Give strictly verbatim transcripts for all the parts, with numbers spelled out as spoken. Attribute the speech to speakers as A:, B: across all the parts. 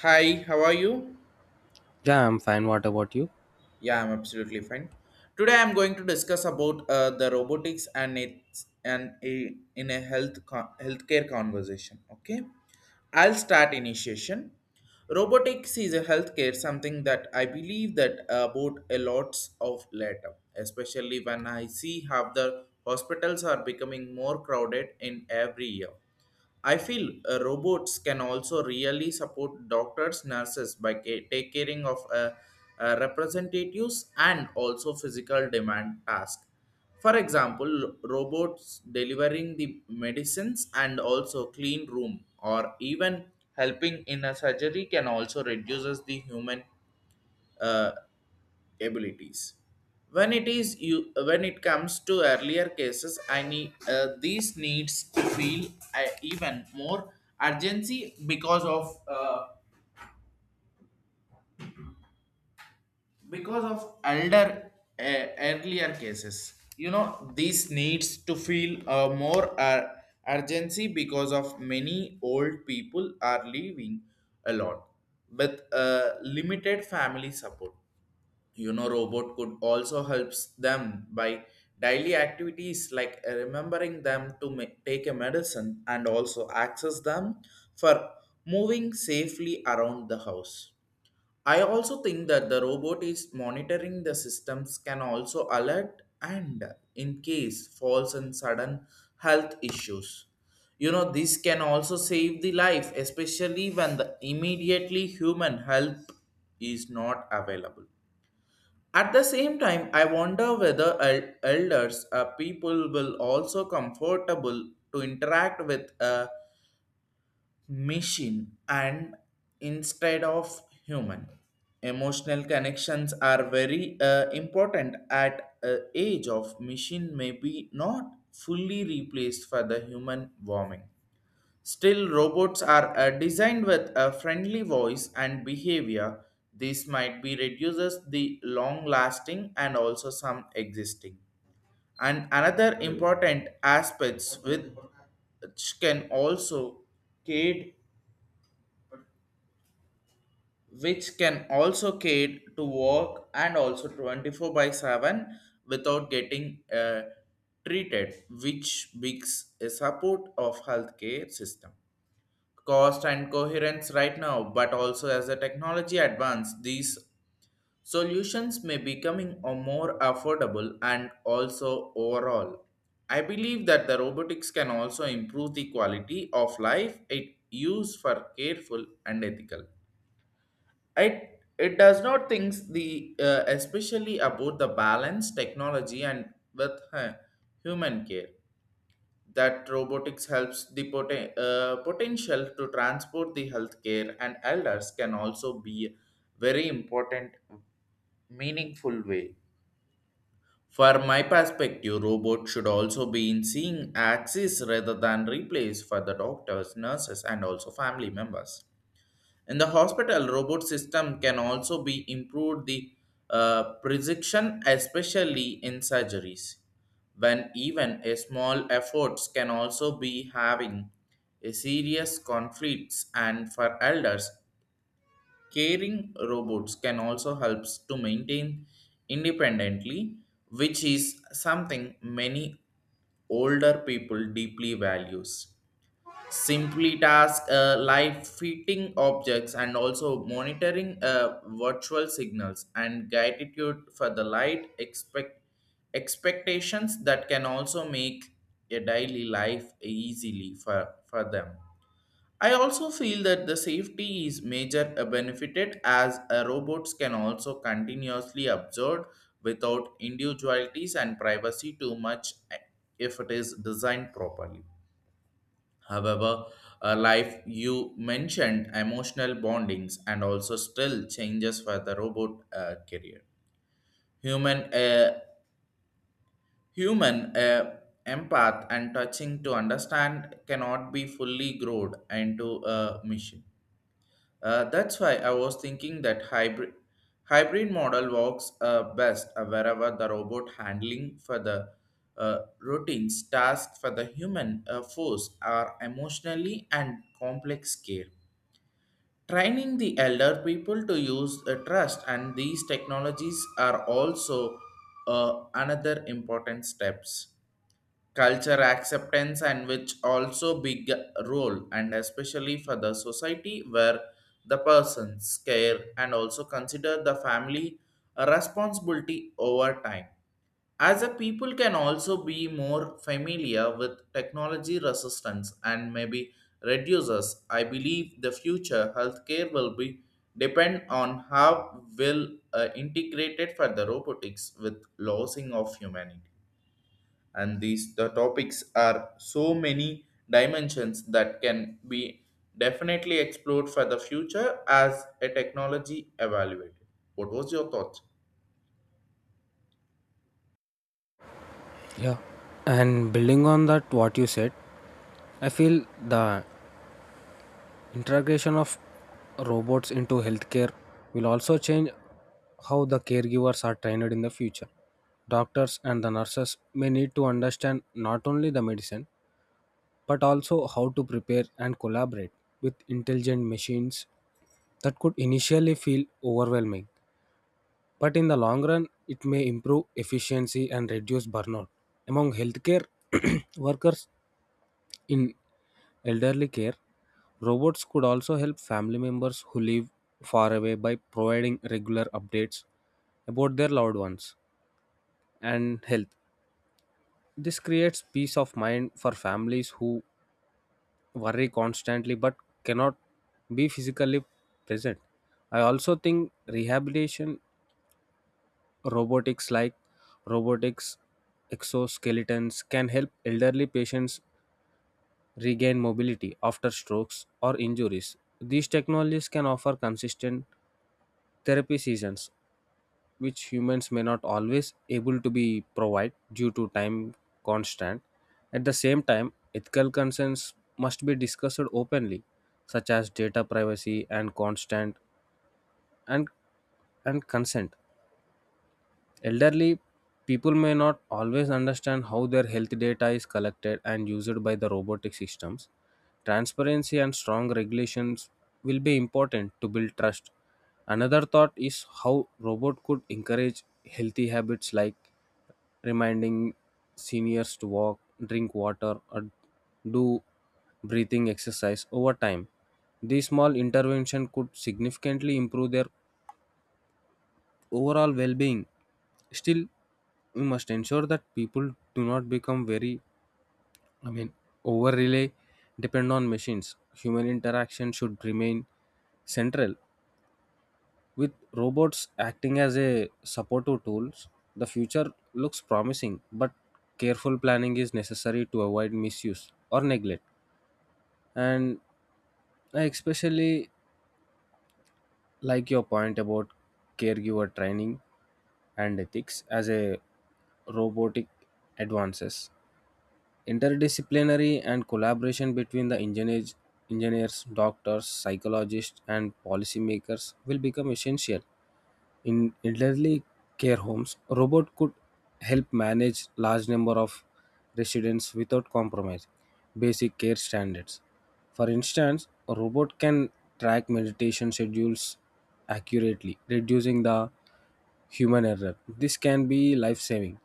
A: Hi, how are you?
B: Yeah, I'm fine. What about you?
A: Yeah, I'm absolutely fine. Today I'm going to discuss about uh, the robotics and its and a, in a health con- healthcare conversation. Okay, I'll start initiation. Robotics is a healthcare something that I believe that about a lots of later, especially when I see how the hospitals are becoming more crowded in every year. I feel uh, robots can also really support doctors, nurses by ca- take caring of uh, uh, representatives and also physical demand task. For example, robots delivering the medicines and also clean room or even helping in a surgery can also reduces the human uh, abilities when it is you when it comes to earlier cases I need uh, these needs to feel uh, even more urgency because of uh, because of elder uh, earlier cases, you know, these needs to feel uh, more uh, urgency because of many old people are living alone with uh, limited family support. You know, robot could also helps them by daily activities like remembering them to ma- take a medicine and also access them for moving safely around the house. I also think that the robot is monitoring the systems can also alert and in case falls and sudden health issues. You know, this can also save the life, especially when the immediately human help is not available. At the same time, I wonder whether el- elders uh, people will also comfortable to interact with a machine and instead of human. Emotional connections are very uh, important at a age of machine may be not fully replaced for the human warming. Still, robots are uh, designed with a friendly voice and behavior. This might be reduces the long lasting and also some existing. And another important aspects with which can also aid which can also aid to work and also twenty-four by seven without getting uh, treated, which makes a support of healthcare system. Cost and coherence right now, but also as the technology advances, these solutions may becoming a more affordable and also overall. I believe that the robotics can also improve the quality of life it used for careful and ethical. It it does not thinks the uh, especially about the balance technology and with uh, human care that robotics helps the poten- uh, potential to transport the healthcare and elders can also be very important meaningful way. For my perspective, robot should also be in seeing access rather than replace for the doctors, nurses, and also family members. In the hospital, robot system can also be improved the uh, precision, especially in surgeries, when even a small efforts can also be having a serious conflicts. And for elders, caring robots can also helps to maintain independently, which is something many older people deeply values. Simply task uh, live fitting objects and also monitoring uh, virtual signals and gratitude for the light expect expectations that can also make a daily life easily for, for them. I also feel that the safety is major uh, benefited as uh, robots can also continuously observe without individualities and privacy too much uh, if it is designed properly. However, uh, life you mentioned emotional bondings and also still changes for the robot uh, career. Human, uh, human uh, empath and touching to understand cannot be fully growed into a machine. Uh, that's why I was thinking that hybrid hybrid model works uh, best uh, wherever the robot handling for the uh, routines tasks for the human uh, force are emotionally and complex care. Training the elder people to use uh, trust and these technologies are also uh, another important steps. Culture acceptance and which also big role and especially for the society where the persons care and also consider the family a responsibility over time as a people can also be more familiar with technology resistance and maybe reduces, I believe the future healthcare will be depend on how well uh, integrated for the robotics with losing of humanity. And these the topics are so many dimensions that can be definitely explored for the future as a technology evaluated. What was your thoughts?
B: Yeah. And building on that, what you said, I feel the integration of robots into healthcare will also change how the caregivers are trained in the future. Doctors and the nurses may need to understand not only the medicine, but also how to prepare and collaborate with intelligent machines that could initially feel overwhelming. But in the long run, it may improve efficiency and reduce burnout among healthcare workers in elderly care. Robots could also help family members who live far away by providing regular updates about their loved ones and health. This creates peace of mind for families who worry constantly but cannot be physically present. I also think rehabilitation robotics like robotics exoskeletons can help elderly patients regain mobility after strokes or injuries. These technologies can offer consistent therapy sessions, which humans may not always able to be provide due to time constant. At the same time, ethical concerns must be discussed openly, such as data privacy and constant and, and consent. Elderly people may not always understand how their health data is collected and used by the robotic systems. Transparency and strong regulations will be important to build trust. Another thought is how robot could encourage healthy habits like reminding seniors to walk, drink water or do breathing exercise over time. These small intervention could significantly improve their overall well being. Still, we must ensure that people do not become very, I mean, over rely depend on machines. Human interaction should remain central. With robots acting as a supportive tools, the future looks promising, but careful planning is necessary to avoid misuse or neglect. And I especially like your point about caregiver training and ethics. As a robotic advances, interdisciplinary and collaboration between the engineers engineers doctors psychologists and policymakers will become essential in elderly care homes. Robots could help manage large number of residents without compromise basic care standards. For instance, a robot can track meditation schedules accurately, reducing the human error. This can be life saving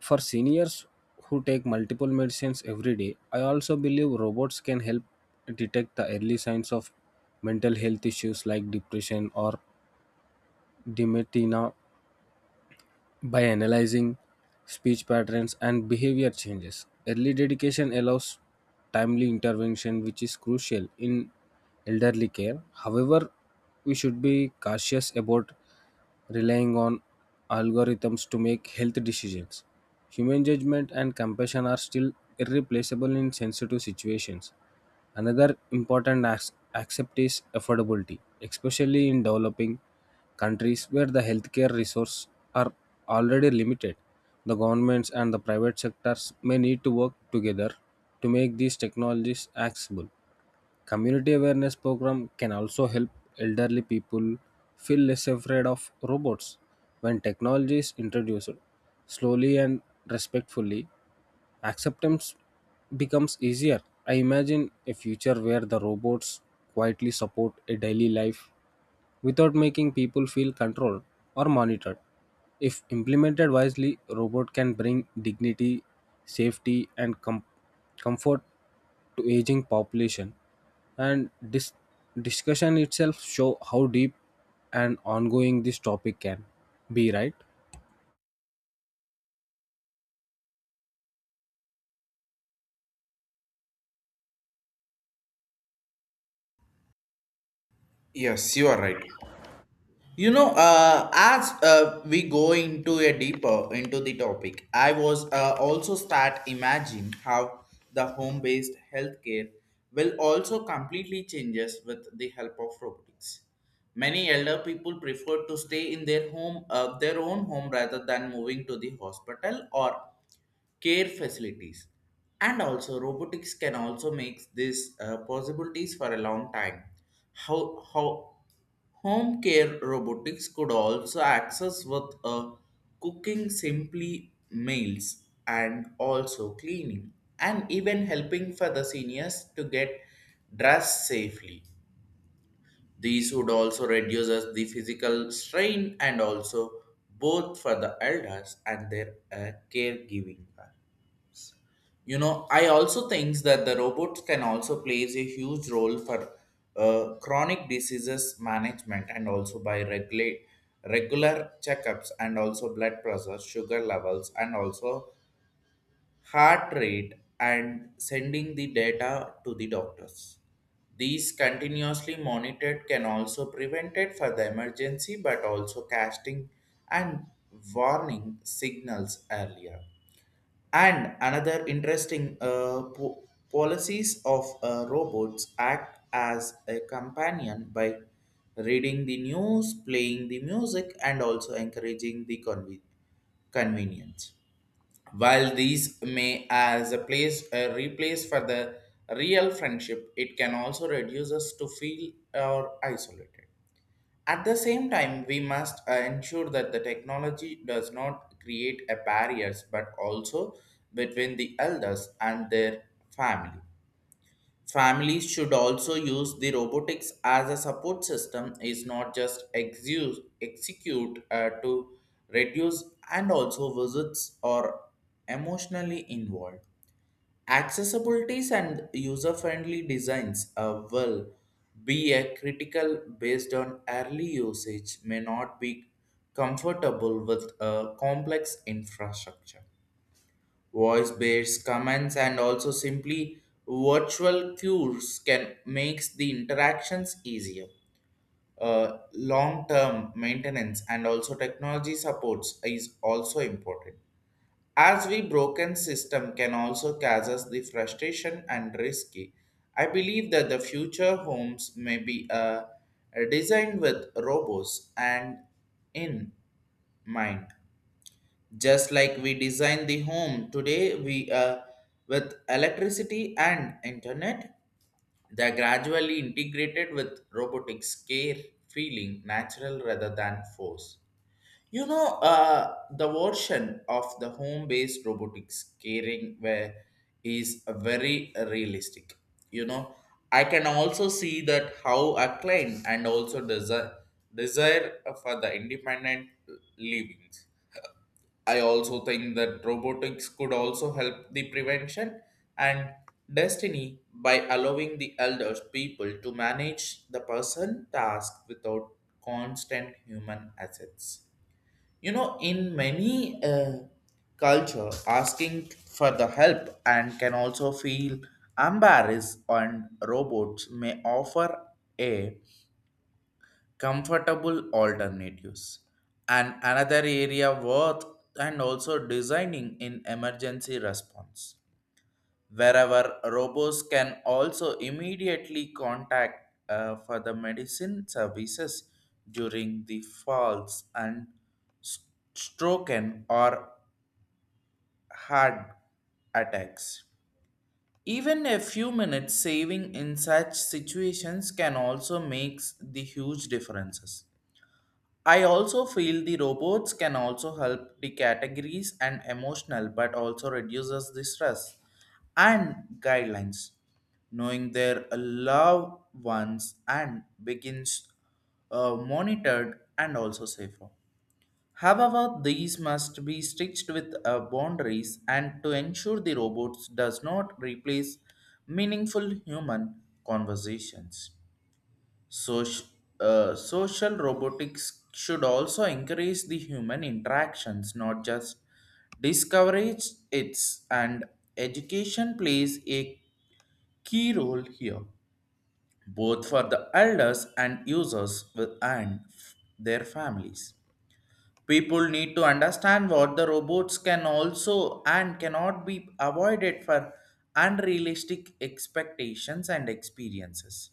B: for seniors who take multiple medicines every day. I also believe robots can help detect the early signs of mental health issues like depression or dementia by analyzing speech patterns and behavior changes. Early dedication allows timely intervention, which is crucial in elderly care. However, we should be cautious about relying on algorithms to make health decisions. Human judgment and compassion are still irreplaceable in sensitive situations. Another important as- aspect is affordability, especially in developing countries where the healthcare resources are already limited. The governments and the private sectors may need to work together to make these technologies accessible. Community awareness program can also help elderly people feel less afraid of robots. When technology is introduced slowly and respectfully, acceptance becomes easier. I imagine a future where the robots quietly support a daily life without making people feel controlled or monitored. If implemented wisely, robot can bring dignity, safety, and com- comfort to aging population, and this discussion itself show how deep and ongoing this topic can be. Right,
A: Yes, you are right. You know, uh, as uh, we go into a deeper into the topic, I was uh, also start imagine how the home-based healthcare will also completely changes with the help of robotics. Many elder people prefer to stay in their home, uh, their own home, rather than moving to the hospital or care facilities. And also, robotics can also make these uh, possibilities for a long time. How how Home care robotics could also access with a cooking simply meals and also cleaning and even helping for the seniors to get dressed safely. These would also reduce us the physical strain and also both for the elders and their uh, caregiving. You know, I also think that the robots can also plays a huge role for uh, chronic diseases management and also by regulate regular checkups and also blood pressure, sugar levels, and also heart rate and sending the data to the doctors. These continuously monitored can also prevent it for the emergency but also casting and warning signals earlier. And another interesting uh, po- policies of uh, robots act as a companion by reading the news, playing the music, and also encouraging the conve- convenience. While these may as a place a replace for the real friendship, it can also reduce us to feel or isolated. At the same time, we must uh, ensure that the technology does not create a barriers but also between the elders and their family. Families should also use the robotics as a support system is not just exu- execute uh, to reduce and also visits or emotionally involved. Accessibilities and user-friendly designs uh, will be a critical based on early usage may not be comfortable with a complex infrastructure. Voice-based commands and also simply virtual cues can makes the interactions easier. Uh, long-term maintenance and also technology supports is also important as we broken system can also cause us the frustration and risky. I believe that the future homes may be uh, designed with robots and in mind. Just like we design the home today, we uh, with electricity and internet, they are gradually integrated with robotics care feeling natural rather than force. You know, uh, the version of the home-based robotics caring where is very realistic. You know, I can also see that how a client and also desire desire for the independent livings. I also think that robotics could also help the prevention and destiny by allowing the elders people to manage the person task without constant human assets. You know, in many uh, culture, asking for the help and can also feel embarrassed, and robots may offer a comfortable alternatives. And another area worth and also designing in emergency response wherever robots can also immediately contact uh, for the medicine services during the falls and s- stroke and or heart attacks. Even a few minutes saving in such situations can also make the huge differences. I also feel the robots can also help the categories and emotional, but also reduces the stress and guidelines. Knowing their loved ones and begins uh, monitored and also safer. However, these must be stitched with uh, boundaries and to ensure the robots does not replace meaningful human conversations. So, uh, social robotics should also encourage the human interactions, not just discourage its, and education plays a key role here, both for the elders and users with- and their families. People need to understand what the robots can also and cannot be avoided for unrealistic expectations and experiences.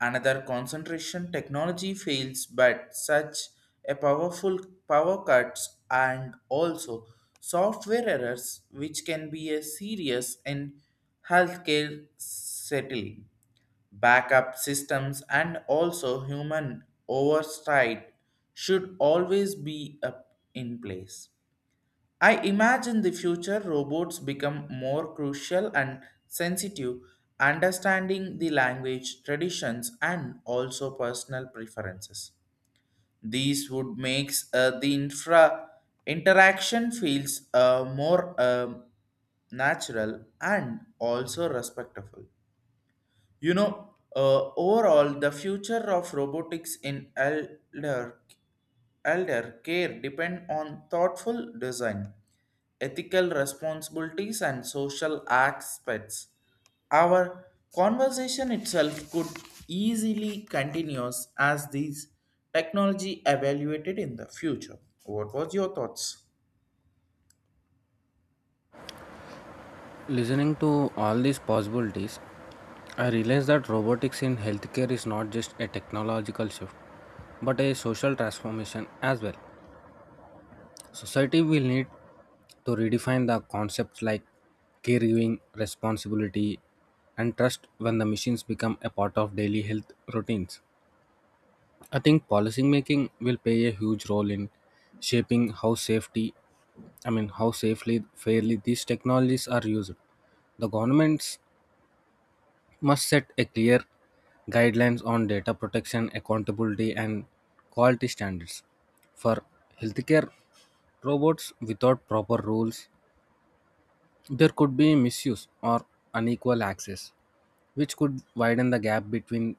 A: Another concentration technology fails, but such a powerful power cuts and also software errors, which can be a serious in healthcare settling. Backup systems and also human oversight should always be up in place. I imagine the future robots become more crucial and sensitive, understanding the language, traditions, and also personal preferences. These would make uh, the infra interaction feels uh, more um, natural and also respectful. You know, uh, overall, the future of robotics in elder elder care depend on thoughtful design, ethical responsibilities, and social aspects. Our conversation itself could easily continue as these technology evaluated in the future. What was your thoughts?
B: listening to all these possibilities, I realized that robotics in healthcare is not just a technological shift but a social transformation as well. Society will need to redefine the concepts like caregiving, responsibility and trust when the machines become a part of daily health routines. I think policymaking will play a huge role in shaping how safety, I mean, how safely, fairly these technologies are used. The governments must set a clear guidelines on data protection, accountability, and quality standards for healthcare robots. Without proper rules, there could be misuse or unequal access which could widen the gap between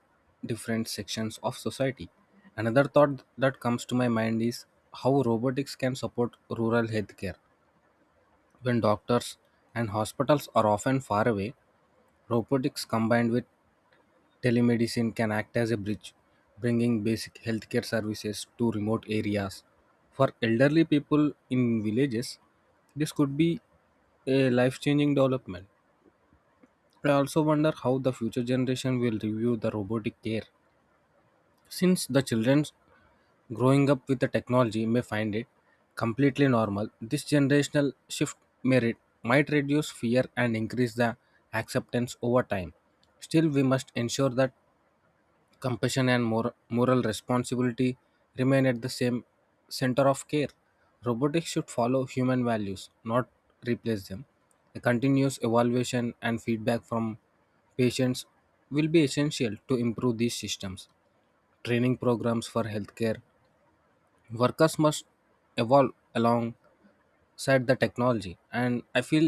B: different sections of society. Another thought that comes to my mind is how robotics can support rural healthcare. When doctors and hospitals are often far away, robotics combined with telemedicine can act as a bridge, bringing basic healthcare services to remote areas. For elderly people in villages, this could be a life changing development. I also wonder how the future generation will review the robotic care. Since the children growing up with the technology may find it completely normal, this generational shift may re- might reduce fear and increase the acceptance over time. Still, we must ensure that compassion and mor- moral responsibility remain at the same center of care. Robotics should follow human values, not replace them. A continuous evaluation and feedback from patients will be essential to improve these systems. Training programs for healthcare workers must evolve alongside the technology, and I feel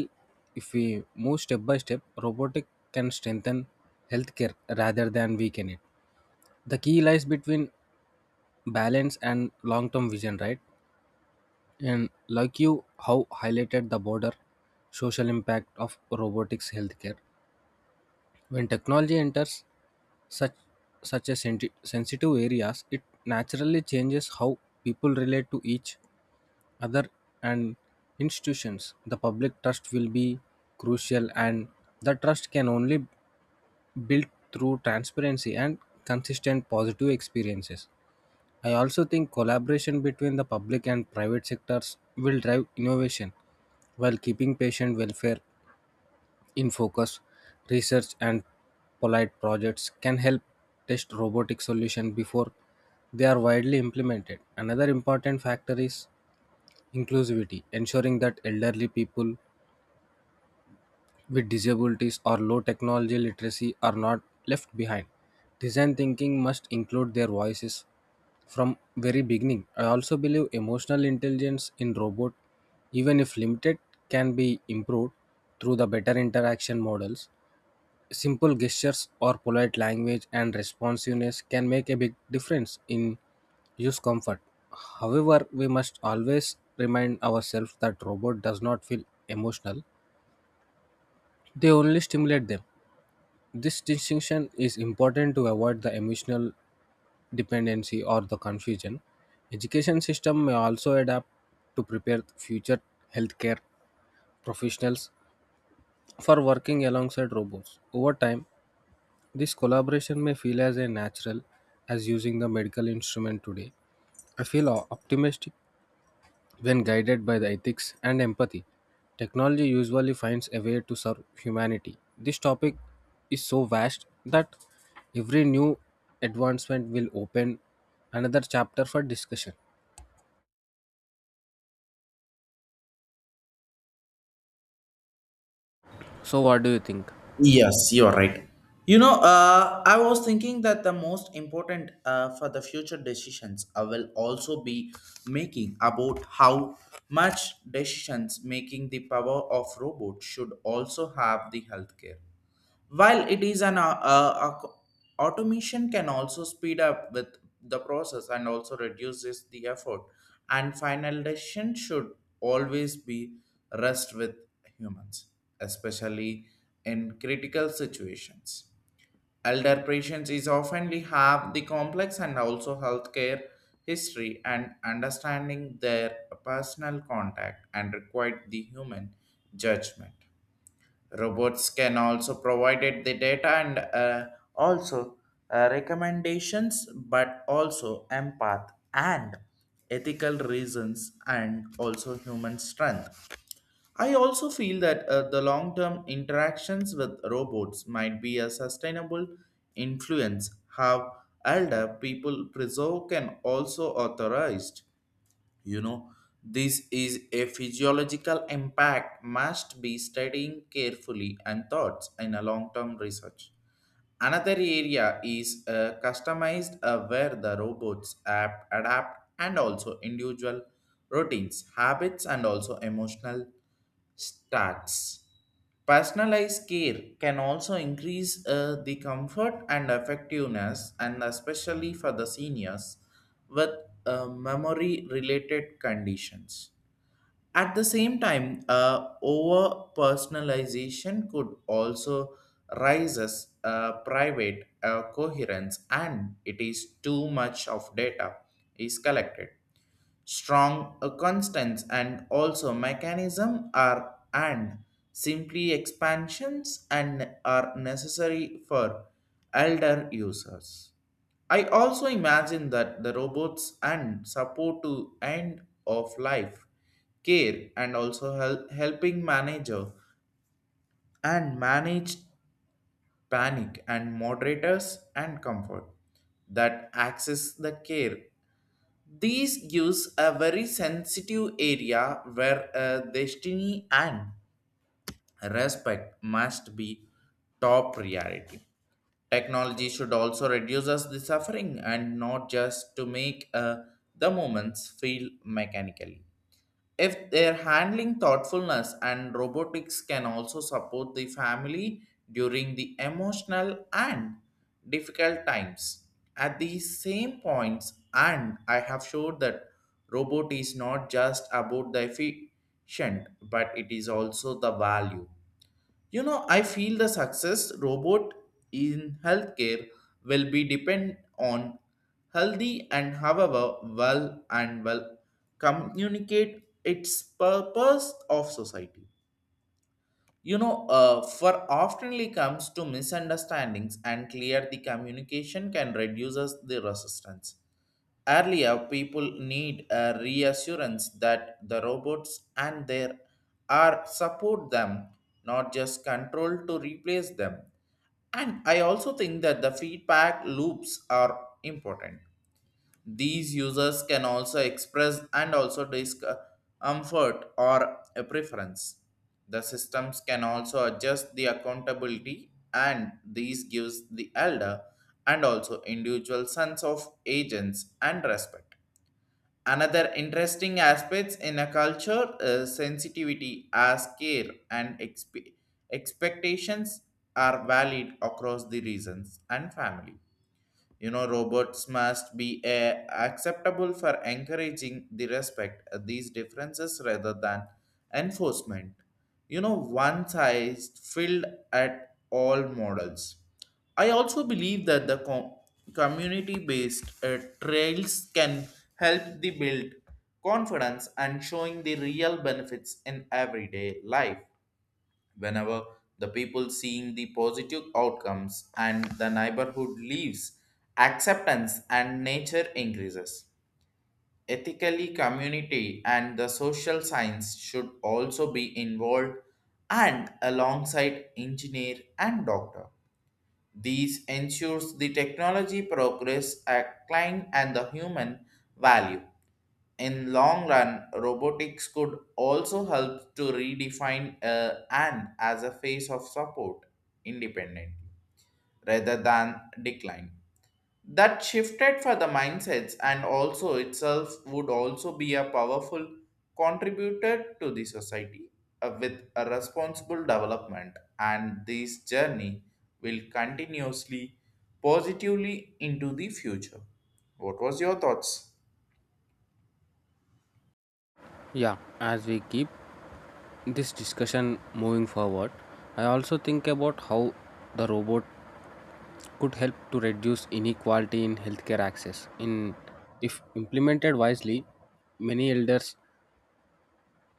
B: if we move step by step, robotic can strengthen healthcare rather than weaken it. The key lies between balance and long term vision, right? And like you how highlighted the border social impact of robotics healthcare, when technology enters such such a senti- sensitive areas, it naturally changes how people relate to each other and institutions. The public trust will be crucial, and the trust can only build through transparency and consistent positive experiences. I also think collaboration between the public and private sectors will drive innovation while keeping patient welfare in focus. Research and polite projects can help test robotic solutions before they are widely implemented. Another important factor is inclusivity, ensuring that elderly people with disabilities or low technology literacy are not left behind. Design thinking must include their voices from very beginning. I also believe emotional intelligence in robot, even if limited, can be improved through the better interaction models. Simple gestures or polite language and responsiveness can make a big difference in use comfort. However, we must always remind ourselves that robot does not feel emotional. They only stimulate them. This distinction is important to avoid the emotional dependency or the confusion. Education system may also adapt to prepare future healthcare professionals for working alongside robots. Over time, this collaboration may feel as a natural as using the medical instrument today. I feel o- optimistic when guided by the ethics and empathy, technology usually finds a way to serve humanity. This topic is so vast that every new advancement will open another chapter for discussion. So, what do you think?
A: Yes, you're right. You know, uh, I was thinking that the most important uh, for the future decisions I will also be making about how much decisions making the power of robot should also have the healthcare. While it is an uh, uh, ac- automation can also speed up with the process and also reduces the effort and final decision should always be rest with humans, especially in critical situations. Elder patients is oftenly have the complex and also healthcare history and understanding their personal contact and required the human judgment. Robots can also provide the data and uh, also uh, recommendations, but also empath and ethical reasons and also human strength. I also feel that uh, the long term interactions with robots might be a sustainable influence. How elder people preserve can also authorize, you know, this is a physiological impact must be studying carefully and thoughts in a long-term research. Another area is uh, customized uh, where the robots app adapt and also individual routines, habits, and also emotional stats. Personalized care can also increase uh, the comfort and effectiveness, and especially for the seniors with uh, memory related conditions. At the same time, uh, over personalization could also rises uh, private uh, coherence, and it is too much of data is collected, strong uh, constants and also mechanism are and simply expansions and are necessary for elder users. I also imagine that the robots and support to end of life care and also help, helping manager and manage panic and moderators and comfort that access the care. These gives a very sensitive area where uh, destiny and respect must be top priority. Technology should also reduce us the suffering and not just to make uh, the moments feel mechanically. If they're handling thoughtfulness and robotics can also support the family during the emotional and difficult times. At these same points, and I have showed that robot is not just about the efficient, but it is also the value. You know, I feel the success robot in healthcare will be depend on healthy and however well and well communicate its purpose of society. You know, uh, for oftenly comes to misunderstandings and clear the communication can reduces the resistance. Earlier, people need a reassurance that the robots and their are support them, not just control to replace them. And I also think that the feedback loops are important. These users can also express and also discomfort or a preference. The systems can also adjust the accountability and these gives the elder and also individual sense of agents and respect. Another interesting aspects in a culture is sensitivity as care and expe- expectations are valid across the regions and family. You know, robots must be uh, acceptable for encouraging the respect of these differences rather than enforcement. You know, one size filled at all models. I also believe that the com- community-based uh, trails can help the build confidence and showing the real benefits in everyday life whenever the people seeing the positive outcomes and the neighborhood leaves acceptance and nature increases ethically community and the social science should also be involved and alongside engineer and doctor. These ensures the technology progress a climb and the human value. In long run, robotics could also help to redefine uh, and as a phase of support independently rather than decline. That shifted for the mindsets and also itself would also be a powerful contributor to the society uh, with a responsible development and this journey will continuously positively into the future. What was your thoughts?
B: Yeah, as we keep this discussion moving forward, I also think about how the robot could help to reduce inequality in healthcare access. In if implemented wisely, many elders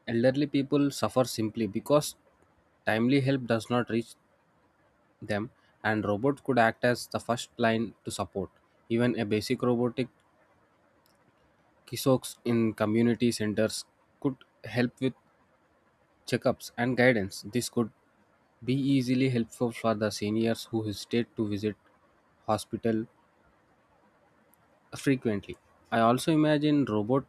B: elderly people suffer simply because timely help does not reach them, and robots could act as the first line to support. Even a basic robotic kiosks in community centers could help with checkups and guidance. This could be easily helpful for the seniors who hesitate to visit hospital frequently. I also imagine robot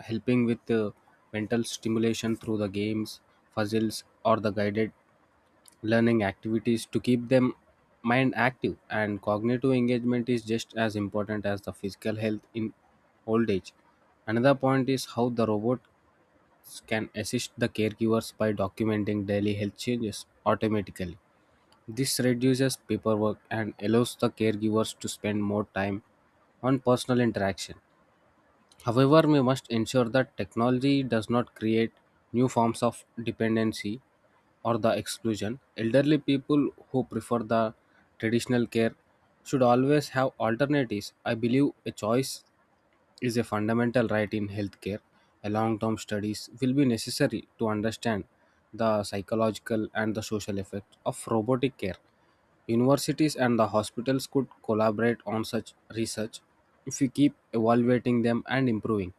B: helping with uh, mental stimulation through the games, puzzles, or the guided learning activities to keep them mind active. And cognitive engagement is just as important as the physical health in old age. Another point is how the robots can assist the caregivers by documenting daily health changes automatically. This reduces paperwork and allows the caregivers to spend more time on personal interaction. However, we must ensure that technology does not create new forms of dependency or the exclusion. Elderly people who prefer the traditional care should always have alternatives. I believe a choice is a fundamental right in healthcare. A long-term studies will be necessary to understand the psychological and the social effects of robotic care. Universities and the hospitals could collaborate on such research. If we keep evaluating them and improving,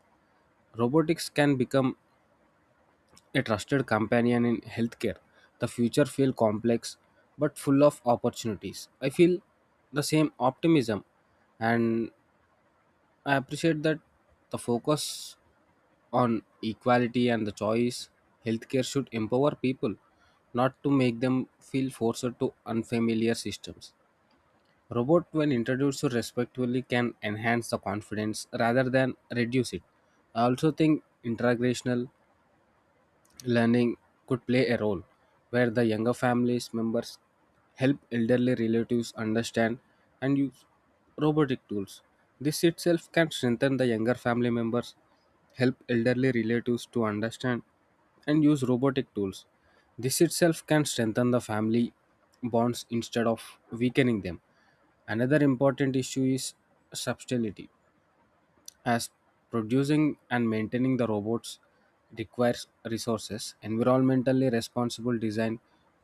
B: robotics can become a trusted companion in healthcare. The future feels complex but full of opportunities. I feel the same optimism, and I appreciate that the focus on equality and the choice healthcare should empower people, not to make them feel forced to unfamiliar systems. Robot when introduced respectfully can enhance the confidence rather than reduce it. I also think integrational learning could play a role where the younger families members help elderly relatives understand and use robotic tools. This itself can strengthen the younger family members help elderly relatives to understand and use robotic tools. This itself can strengthen the family bonds instead of weakening them. Another important issue is subtlety, as producing and maintaining the robots requires resources. Environmentally responsible design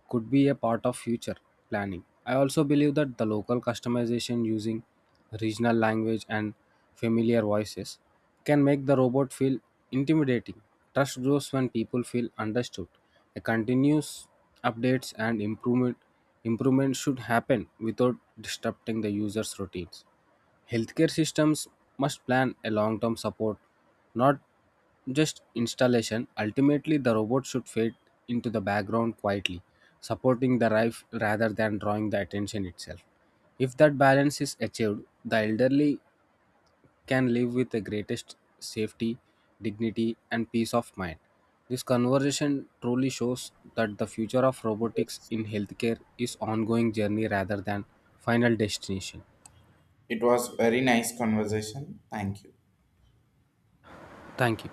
B: could be a part of future planning. I also believe that the local customization using regional language and familiar voices can make the robot feel intimidating. Trust grows when people feel understood. A continuous updates and improvement improvement should happen without disrupting the user's routines. Healthcare systems must plan a long term support, not just installation. Ultimately, the robot should fade into the background quietly, supporting the life rather than drawing the attention itself. If that balance is achieved, the elderly can live with the greatest safety, dignity, and peace of mind. This conversation truly shows that the future of robotics in healthcare is ongoing journey rather than final destination.
A: It was very nice conversation. Thank you.
B: Thank you.